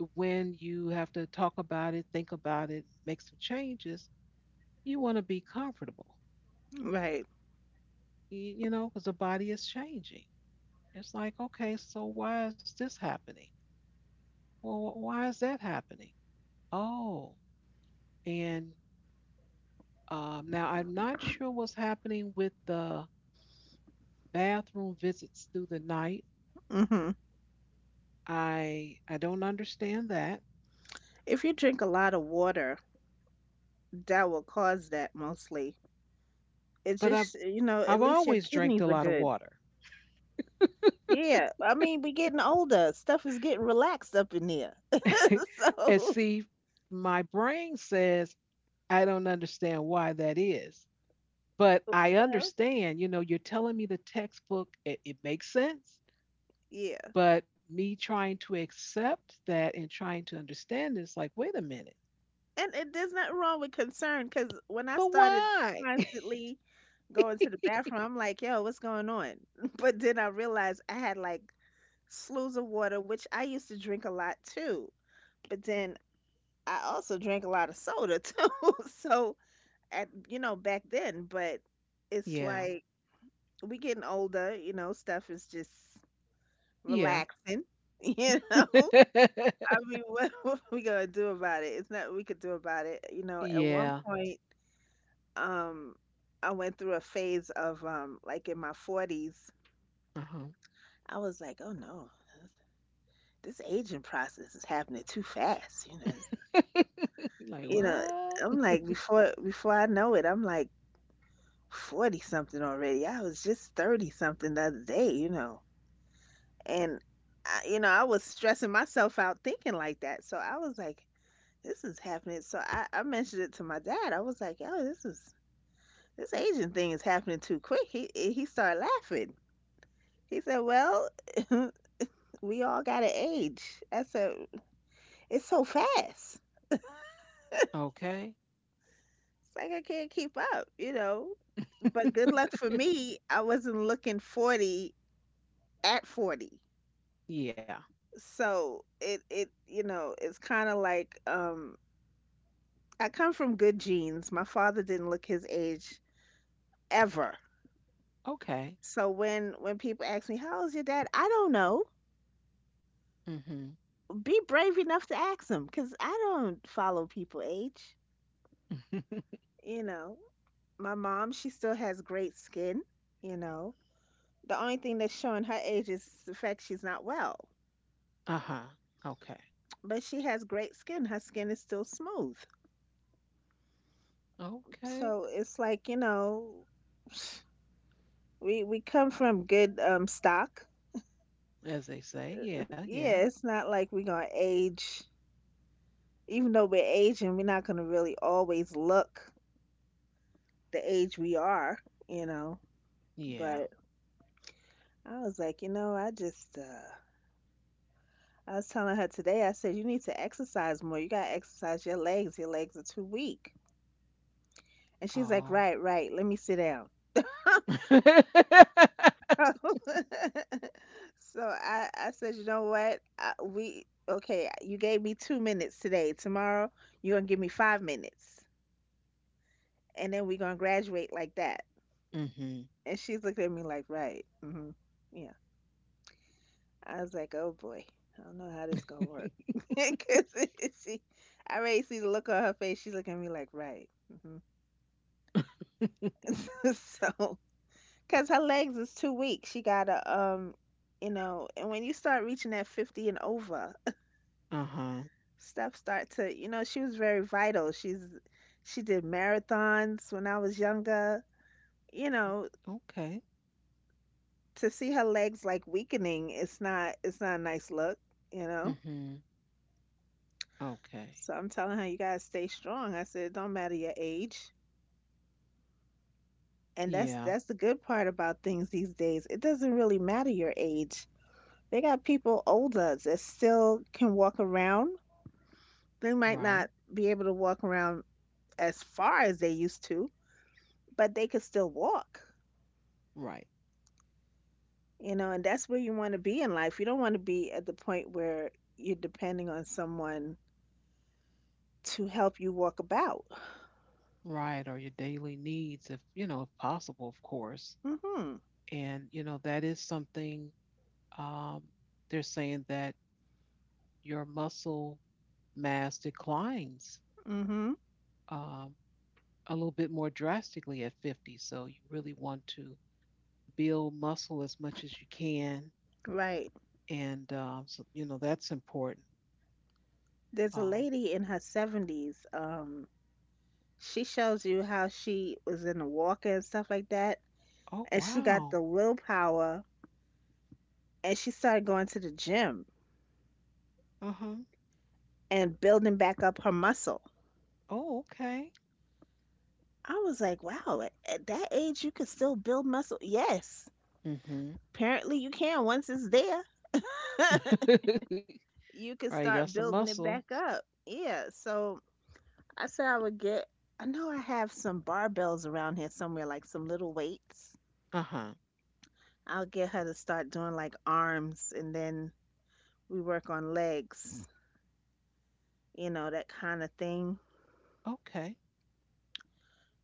A: when you have to talk about it, think about it, make some changes, you want to be comfortable,
B: Right.
A: because the body is changing. It's like, okay, so why is this happening? Well, why is that happening? Oh, and now I'm not sure what's happening with the bathroom visits through the night.
B: Hmm.
A: I don't understand that,
B: If you drink a lot of water, that will cause that mostly. It's
A: but I've
B: just, at
A: I've
B: least your
A: always drank a
B: kidneys are
A: lot of
B: good.
A: water.
B: Yeah, I mean, we getting older. Stuff is getting relaxed up in there.
A: And
B: So,
A: see, my brain says I don't understand why that is. But I
B: well,
A: understand, you know, you're telling me the textbook, it makes sense.
B: yeah.
A: But me trying to accept that and trying to understand is like, wait a minute,
B: And it, there's nothing wrong with concern, because when I
A: but
B: started
A: why?
B: constantly going to the bathroom, I'm like, yo, what's going on? But then I realized I had like slews of water, which I used to drink a lot too. But then I also drank a lot of soda too. So, at, back then, but it's
A: Yeah,
B: like, we getting older, stuff is just
A: yeah,
B: relaxing. you know I mean, what? What we gonna do about it? It's not what we could do about it, at one
A: yeah.
B: point. um I went through a phase of, like, in my 40s.
A: Uh-huh.
B: I was like, oh no, this aging process is happening too fast.
A: Like,
B: You know,
A: what?
B: I'm like, before I know it, I'm like, 40 something already, I was just 30 something the other day. And I was stressing myself out thinking like that. So I was like, this is happening. So I mentioned it to my dad. I was like, yo, this is this Asian thing is happening too quick. He started laughing. He said, "Well, we all got to age." I said, "It's so fast. It's
A: Okay.
B: like I can't keep up, you know." But good luck for me, I wasn't looking 40 at 40.
A: Yeah,
B: So it, it's kind of like, I come from good genes. My father didn't look his age ever.
A: okay.
B: So when people ask me how old's your dad, I don't know.
A: Mm-hmm.
B: Be brave enough to ask them, cause I don't follow people age. You know, my mom, she still has great skin. You know, the only thing that's showing her age is the fact she's not well,
A: Uh huh. Okay.
B: but she has great skin. Her skin is still smooth.
A: Okay.
B: So it's like, we come from good, stock.
A: As they say, yeah, yeah.
B: Yeah, it's not like we're gonna age. Even though we're aging, we're not going to really always look the age we are, you know.
A: Yeah.
B: But I was like, I was telling her today, I said, you need to exercise more. You got to exercise your legs. Your legs are too weak. And she's like,
A: Oh.
B: right, right. Let me sit down. So. So I said, you know what? We, okay, you gave me 2 minutes today. Tomorrow, you're going to give me 5 minutes. And then we're going to graduate like that.
A: Mhm.
B: And she looked at me like, right. Hmm. Yeah. I was like, oh boy, I don't know how this going to work. Because she, I already see the look on her face. She's looking at me like, right. Hmm. So, because her legs is too weak. She got to, and when you start reaching that 50 and over,
A: Uh-huh.
B: stuff start to, she was very vital. She did marathons when I was younger. You know,
A: Okay.
B: to see her legs like weakening, it's not a nice look, you know?
A: Mhm. Okay.
B: So I'm telling her, you gotta stay strong. I said, it don't matter your age. And that's
A: Yeah.
B: that's the good part about things these days. It doesn't really matter your age. They got people older that still can walk around. They might
A: Right.
B: not be able to walk around as far as they used to, but they could still walk.
A: Right.
B: You know, and that's where you want to be in life. You don't want to be at the point where you're depending on someone to help you walk about.
A: Right. Or your daily needs if, you know, if possible, of course.
B: Mhm.
A: And, you know, that is something um they're saying that your muscle mass declines
B: Mhm.
A: um a little bit more drastically at 50. So you really want to build muscle as much as you can,
B: Right.
A: and so you know that's important.
B: There's a
A: Um,
B: lady in her 70s. She shows you how she was in the walker and stuff like that.
A: oh
B: And she got
A: wow.
B: the willpower, and she started going to the gym
A: Uh huh.
B: and building back up her muscle.
A: Oh, okay.
B: I was like, wow, at that age, you could still build muscle. Yes,
A: Mm-hmm.
B: apparently you can. Once it's there,
A: All
B: you
A: right,
B: can
A: you got some
B: start building it
A: muscles.
B: back up. Yeah, so I said I would get, I know I have some barbells around here somewhere, like some little weights.
A: Uh huh.
B: I'll get her to start doing, like, arms, and then we work on legs, that kind of thing.
A: Okay.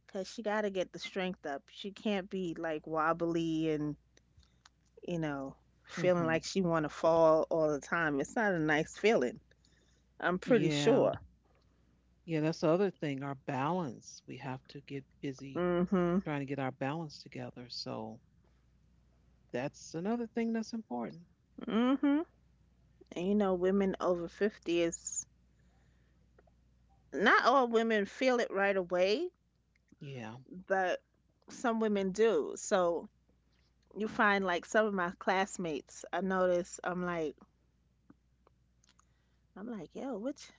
B: Cause she got to get the strength up. She can't be like wobbly and, you know, feeling
A: Mm-hmm.
B: like she want to fall all the time. It's not a nice feeling. I'm pretty
A: Yeah.
B: sure.
A: Yeah, that's the other thing. Our balance. We have to get busy
B: Mm-hmm.
A: trying to get our balance together. So that's another thing that's important.
B: Mm-hmm. And you know, women over 50 is, not all women feel it right away,
A: Yeah.
B: but some women do. So you find, like, some of my classmates, I notice, I'm like, yo, which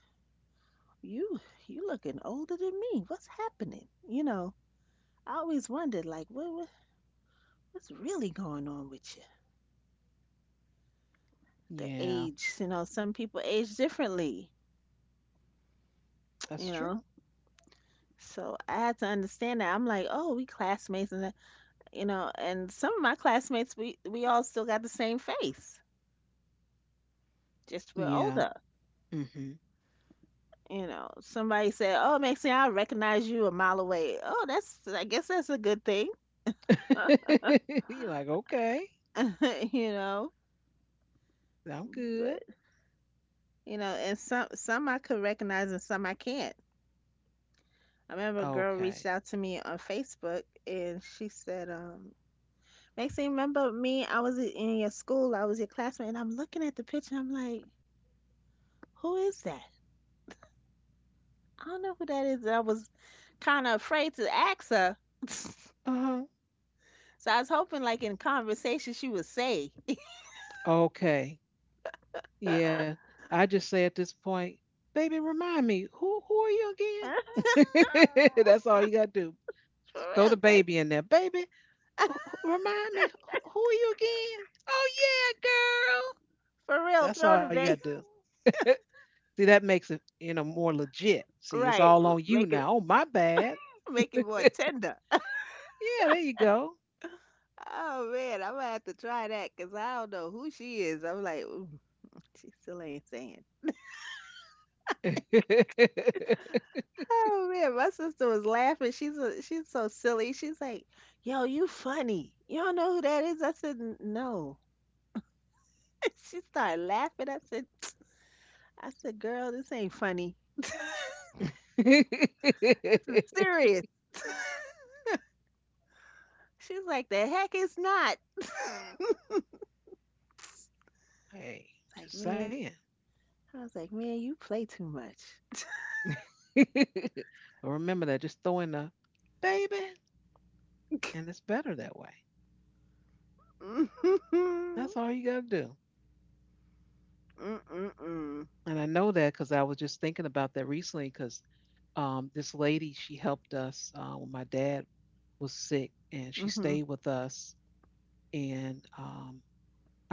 B: you you looking older than me. What's happening? You know, I always wondered, like, what's really going on with you? The
A: Yeah.
B: age, some people age differently, you
A: That's true.
B: know. So I had to understand that. I'm like, oh, we classmates, and and some of my classmates, we all still got the same face, just we're
A: Yeah.
B: older.
A: Mm-hmm.
B: You know, somebody said, oh, Maxine, I recognize you a mile away. Oh, that's, I guess that's a good thing.
A: You're like, okay,
B: you know.
A: I'm good.
B: But, you know, and some I could recognize and some I can't. I remember a girl reached
A: Okay.
B: out to me on Facebook and she said, Maxine, remember me? I was in your school, I was your classmate, and I'm looking at the picture, I'm like, who is that? I don't know who that is. I was kind of afraid to ask her. So
A: Uh-huh.
B: I was hoping, like, in conversation, she would say,
A: Okay.
B: for
A: Yeah, I just say at this point, baby, remind me, who are you again? That's all you gotta do. Just throw the
B: real, cause
A: baby in there, baby. Remind me, who are you again? Oh yeah, girl.
B: for real,
A: That's
B: throw
A: all
B: the
A: you gotta
B: bait.
A: do. See, that makes it more legit. See, it's
B: Right,
A: all on you
B: make it,
A: now. Oh, my bad.
B: make it more tender.
A: Yeah, there you go.
B: Oh man, I'm gonna have to try that, 'cause I don't know who she is. I'm like, "Ooh, she still ain't saying."
A: Hey,
B: Oh man, my sister was laughing. She's so silly. She's like, "Yo, you funny. You don't know who that is?" I said, "N- No." She started laughing. I said, "I said, girl, this ain't funny. This is serious." She's like, "The heck it's not." It's like,
A: just
B: man,
A: saying.
B: I was like, man, you play too much.
A: But remember that. Just throw in the baby. And it's better that way. That's all you got to do.
B: Mm-mm-mm.
A: And I know that because I was just thinking about that recently because this lady, she helped us when my dad was sick and she
B: Mm-mm.
A: stayed with us. And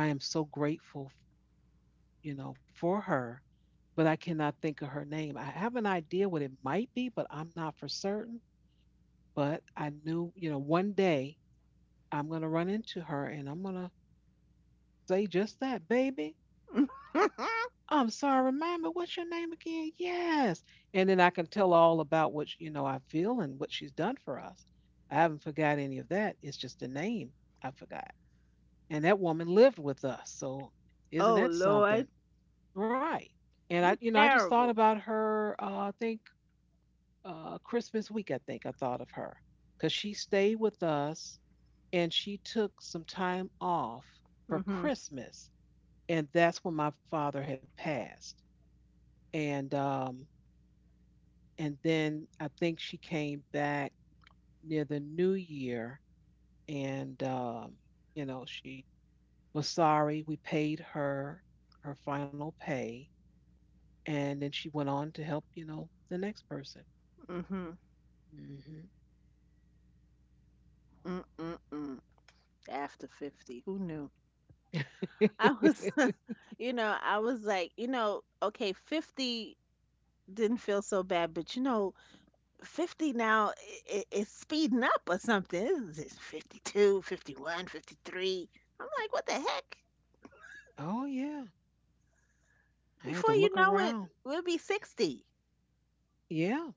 A: I am so grateful, you know, for her, but I cannot think of her name. I have an idea what it might be, but I'm not for certain. But I knew, you know, one day I'm going to run into her and I'm going to say just that, baby. I'm sorry, remind me, what's your name again? Yes. And then I can tell all about what, you know, I feel and what she's done for us. I haven't forgot any of that. It's just the name I forgot. And that woman lived with us. So isn't
B: Oh
A: that
B: Lord,
A: something? Right. And I,
B: you
A: you know, I just thought
B: terrible.
A: about her, I think Christmas week, I think I thought of her because she stayed with us and she took some time off for
B: Mhm.
A: Christmas. And that's when my father had passed, and and then I think she came back near the new year, and you know she was sorry. We paid her her final pay, and then she went on to help the next person.
B: Mhm.
A: Hmm.
B: Mm mm mm. After 50, who knew? I was, I was like, okay, 50 didn't feel so bad, but 50 now is speeding up or something. It's 52, 51, 53. I'm like, what the heck?
A: Oh yeah, I had to
B: Before
A: look
B: you know it,
A: around.
B: we'll be 60.
A: Yeah,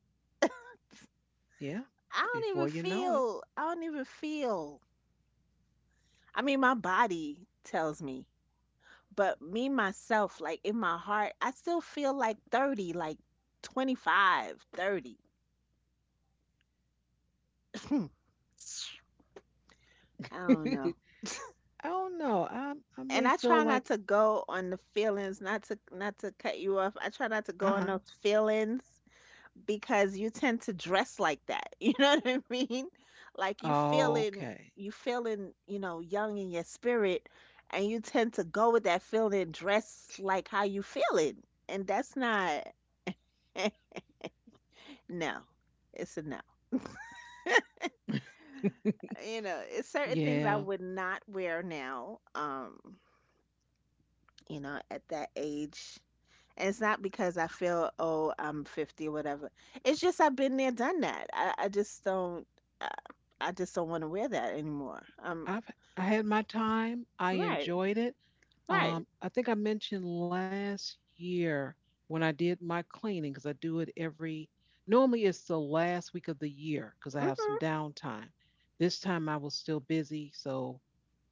A: yeah.
B: I don't even
A: Before you know it,
B: feel, I don't even feel. I mean, my body tells me. But me myself, like in my heart, I still feel like 30, like 25, 30. Hmm. I don't know.
A: I don't know. I
B: And
A: may
B: I try
A: feel
B: not
A: like
B: to go on the feelings, not to cut you off. I try not to go
A: uh
B: on those feelings because you tend to dress like that. You know what I mean? Like you
A: huh.
B: feeling
A: Okay.
B: you feeling, young in your spirit and you tend to go with that feeling and dress like how you feeling. And that's not no. It's a no. It's certain things I
A: Yeah.
B: would not wear now. At that age. And it's not because I feel, oh, I'm 50 or whatever. It's just I've been there, done that. I just don't, I, I just don't want to wear that anymore.
A: I've I had my time. I
B: Right,
A: enjoyed it.
B: right.
A: I think I mentioned last year when I did my cleaning, because I do it every. Normally, it's the last week of the year because I have some downtime. This time, I was still busy, so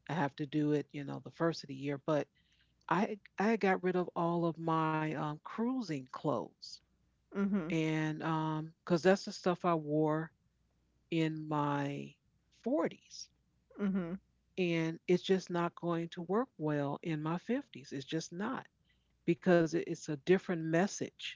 A: I have to do it. You know, the first of the year. But I got rid of all of my cruising clothes,
B: Mhm,
A: and because that's the stuff I wore in my 40s,
B: mhm,
A: and it's just not going to work well in my 50s. It's just not, because it's a different message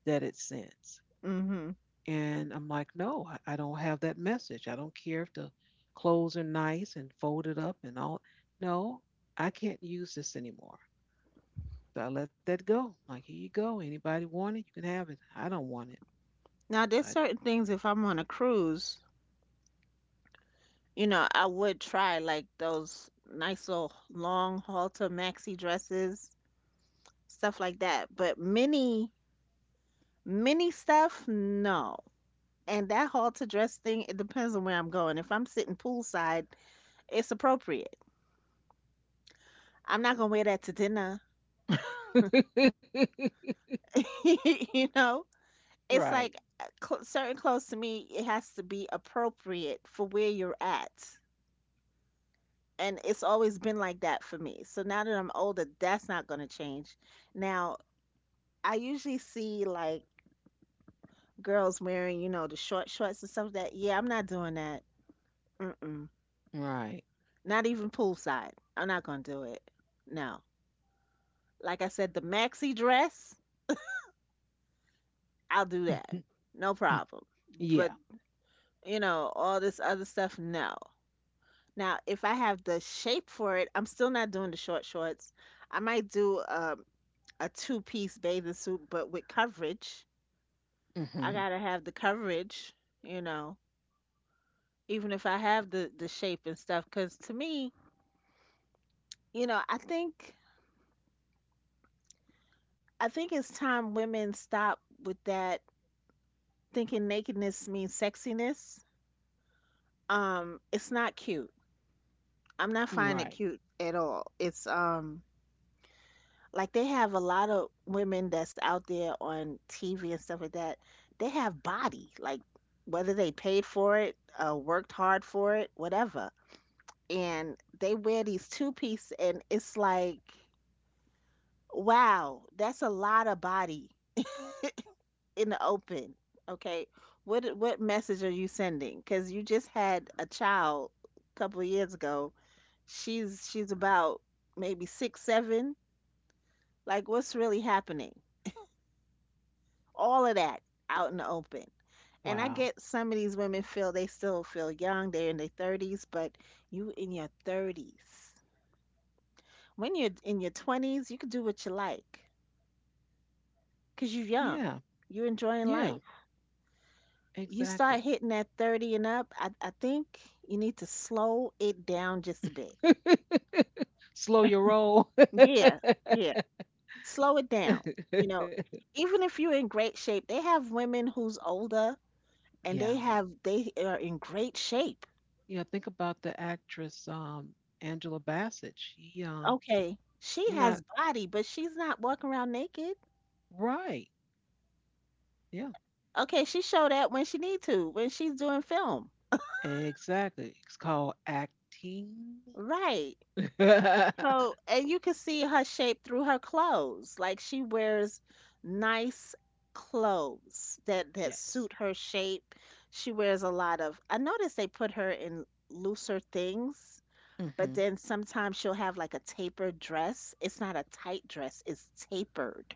A: that it sends.
B: mhm.
A: And I'm like, no, I don't have that message. I don't care if the clothes are nice and folded up and all. No, I can't use this anymore. So I let that go. Like, here you go. Anybody want it? You can have it. I don't want it.
B: Now there's certain things if I'm on a cruise, I would try like those nice little long halter maxi dresses, stuff like that. But mini stuff, no. And that halter dress thing, it depends on where I'm going. If I'm sitting poolside, it's appropriate. I'm not gonna wear that to dinner.
A: But
B: You know? It's
A: right,
B: like certain clothes to me, it has to be appropriate for where you're at. And it's always been like that for me. So now that I'm older, that's not gonna change. Now, I usually see like girls wearing, the short shorts and stuff like that. Yeah, I'm not doing that. Mm-mm.
A: right.
B: Not even poolside. I'm not gonna do it. No. Like I said, the maxi dress, I'll do that. No problem. But
A: Yeah.
B: all this other stuff, no. Now, if I have the shape for it, I'm still not doing the short shorts. I might do a two-piece bathing suit, but with coverage. I
A: Hmm.
B: gotta have the coverage, you know, even if I have the shape and stuff. Because to me, you know, I think I think it's time women stop with that thinking nakedness means sexiness, it's not cute. I'm not finding it
A: Right.
B: cute at all. It's Like they have a lot of women that's out there on TV and stuff like that. They have body, like whether they paid for it, worked hard for it, whatever. And they wear these two piece, and it's like, wow, that's a lot of body in the open. Okay, what message are you sending? Because you just had a child a couple of years ago. She's about maybe 6, 7. Like, what's really happening? All of that out in the open. And I
A: Wow.
B: get some of these women feel they still feel young. They're in their 30s. But you in your 30s, when you're in your 20s, you can do what you like because you're
A: Yeah.
B: young. You're enjoying
A: Yeah.
B: life. You
A: Exactly.
B: start hitting that 30 and up, I think you need to slow it down just a bit.
A: Slow your roll.
B: Yeah, yeah. Slow it down. You know, Even if you're in great shape, they have women who's older and they, yeah,
A: yeah.
B: have they are in great shape.
A: Yeah, think about the actress Angela Bassett. She
B: Okay, she
A: You're
B: has
A: not.
B: body, but she's not walking around naked.
A: Right. Yeah.
B: Okay, she showed that when she need to, when she's doing film.
A: Exactly. It's called acting.
B: Right.
A: Yes.
B: So, and you can see her shape through her clothes. Like she wears nice clothes that suit her shape. She wears a lot of I noticed they put her in looser things,
A: Hmm.
B: but then sometimes she'll have like a tapered dress. It's not a tight dress, it's tapered.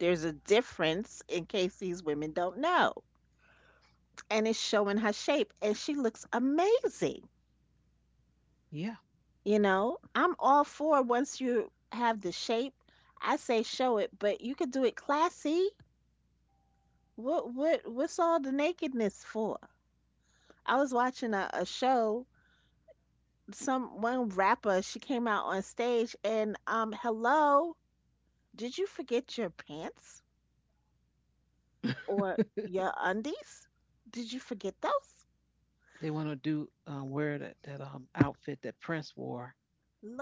B: There's a difference in case these women don't know. And it's showing her shape and she looks amazing.
A: Yeah.
B: I'm all for once you have the shape. I say show it, but you could do it classy. What's all the nakedness for? I was watching a show, some one rapper, she came out on stage and hello, did you forget your pants or your undies? Did you forget those?
A: They want to do wear that outfit that Prince wore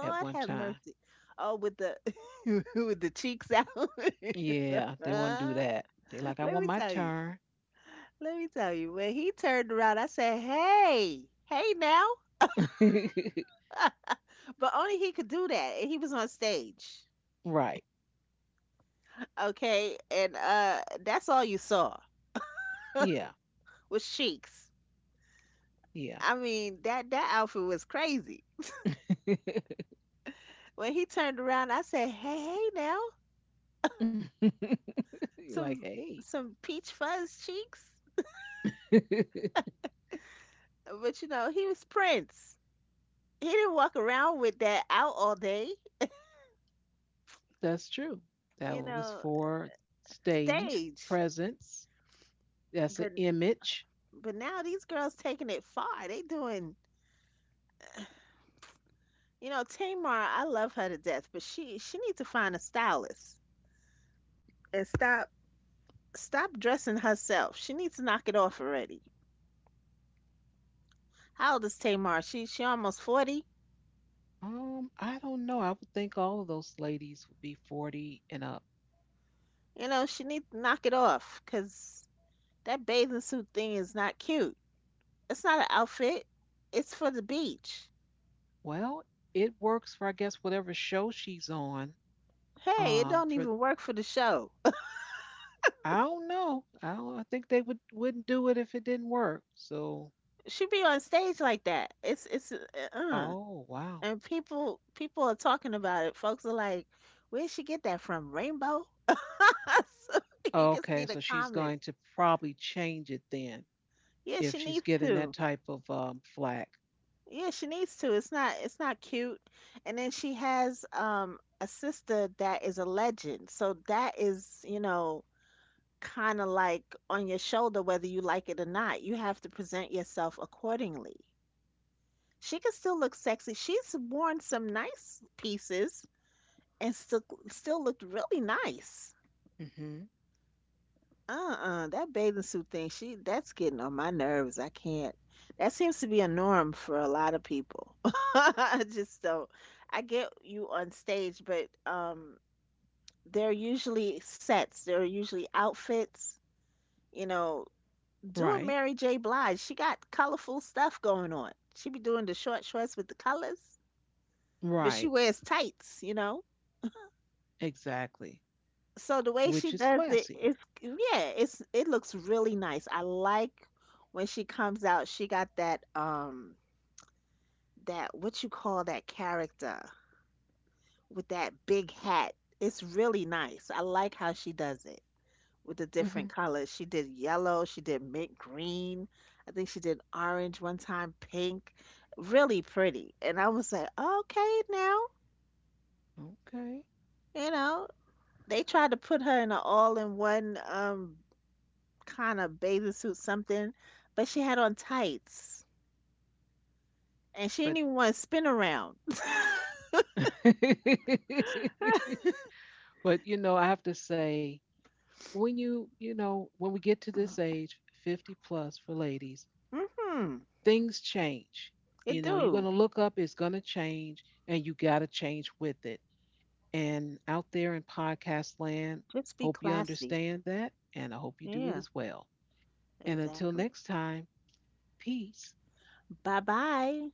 A: at one
B: have
A: time.
B: mercy. Oh, with the with the cheeks out.
A: Yeah, they want to do
B: Uh,
A: that. They like, I
B: Let
A: want
B: me
A: my
B: tell you.
A: turn.
B: Let me tell you, when he turned around, I said, Hey, hey now. But only he could do that. And he was on stage.
A: Right.
B: Okay. And that's all you saw
A: Yeah.
B: was cheeks.
A: Yeah.
B: I mean, that outfit was crazy.
A: You're
B: When he turned around, I said, Hey, hey now.
A: like,
B: Some
A: hey,
B: some peach fuzz cheeks. But he was Prince. He didn't walk around with that out all day,
A: that's true. That
B: you
A: was
B: know,
A: for stage
B: stage.
A: presence. That's an
B: But
A: image.
B: but now these girls taking it far. They doing. Tamar, I love her to death, but she needs to find a stylist and stop dressing herself. She needs to knock it off already. How old is Tamar? She almost 40.
A: I don't know. I would think all of those ladies would be 40 and up.
B: She needs to knock it off because that bathing suit thing is not cute. It's not an outfit. It's for the beach.
A: Well, it works for I guess whatever show she's on.
B: Hey, it don't
A: For
B: even work for the show.
A: I don't, know. I think they wouldn't do it if it didn't work. So,
B: She be on stage like that. It's uh
A: oh wow.
B: And people are talking about it. Folks are like, "Where'd she get that from? Rainbow?" So you can
A: Okay,
B: see
A: so
B: the
A: she's going
B: comments.
A: to probably change it then.
B: Yeah,
A: If
B: she
A: she's
B: needs
A: getting that
B: to.
A: type of flack.
B: Yeah, she needs to. It's not cute. And then she has a sister that is a legend. So that is, kind of like on your shoulder whether you like it or not. You have to present yourself accordingly. She can still look sexy. She's worn some nice pieces and still looked really nice.
A: Mm-hmm.
B: Uh-uh, that bathing suit thing, she that's getting on my nerves. I can't. That seems to be a norm for a lot of people. I just don't. I get you on stage, but they're usually sets. They're usually outfits. You know, do a
A: Right,
B: Mary J. Blige. She got colorful stuff going on. She be doing the short shorts with the colors, but she
A: right,
B: wears tights.
A: exactly,
B: So the way
A: which is
B: she does it
A: classier.
B: is, yeah, it looks really nice. I like when she comes out. She got that what you call that character with that big hat. It's really nice. I like how she does it with the
A: Mm-hmm.
B: different colors. She did yellow. She did mint green. I think she did orange one time, pink. Really pretty. And I was like, okay, now
A: Okay,
B: you know they tried to put her in an all-in-one kind of bathing suit something, but she had on tights and she
A: but
B: didn't even want to spin around.
A: but you know, I have to say, when we get to this age, 50 plus for ladies,
B: Mm-hmm.
A: things change.
B: It
A: You know, you're
B: do.
A: gonna look up, it's gonna change, and you gotta change with it. And out there in podcast land,
B: Just be
A: hope you
B: classy.
A: understand that, and I hope you do it
B: Yeah,
A: as well. And until
B: exactly.
A: next time, peace.
B: Bye bye.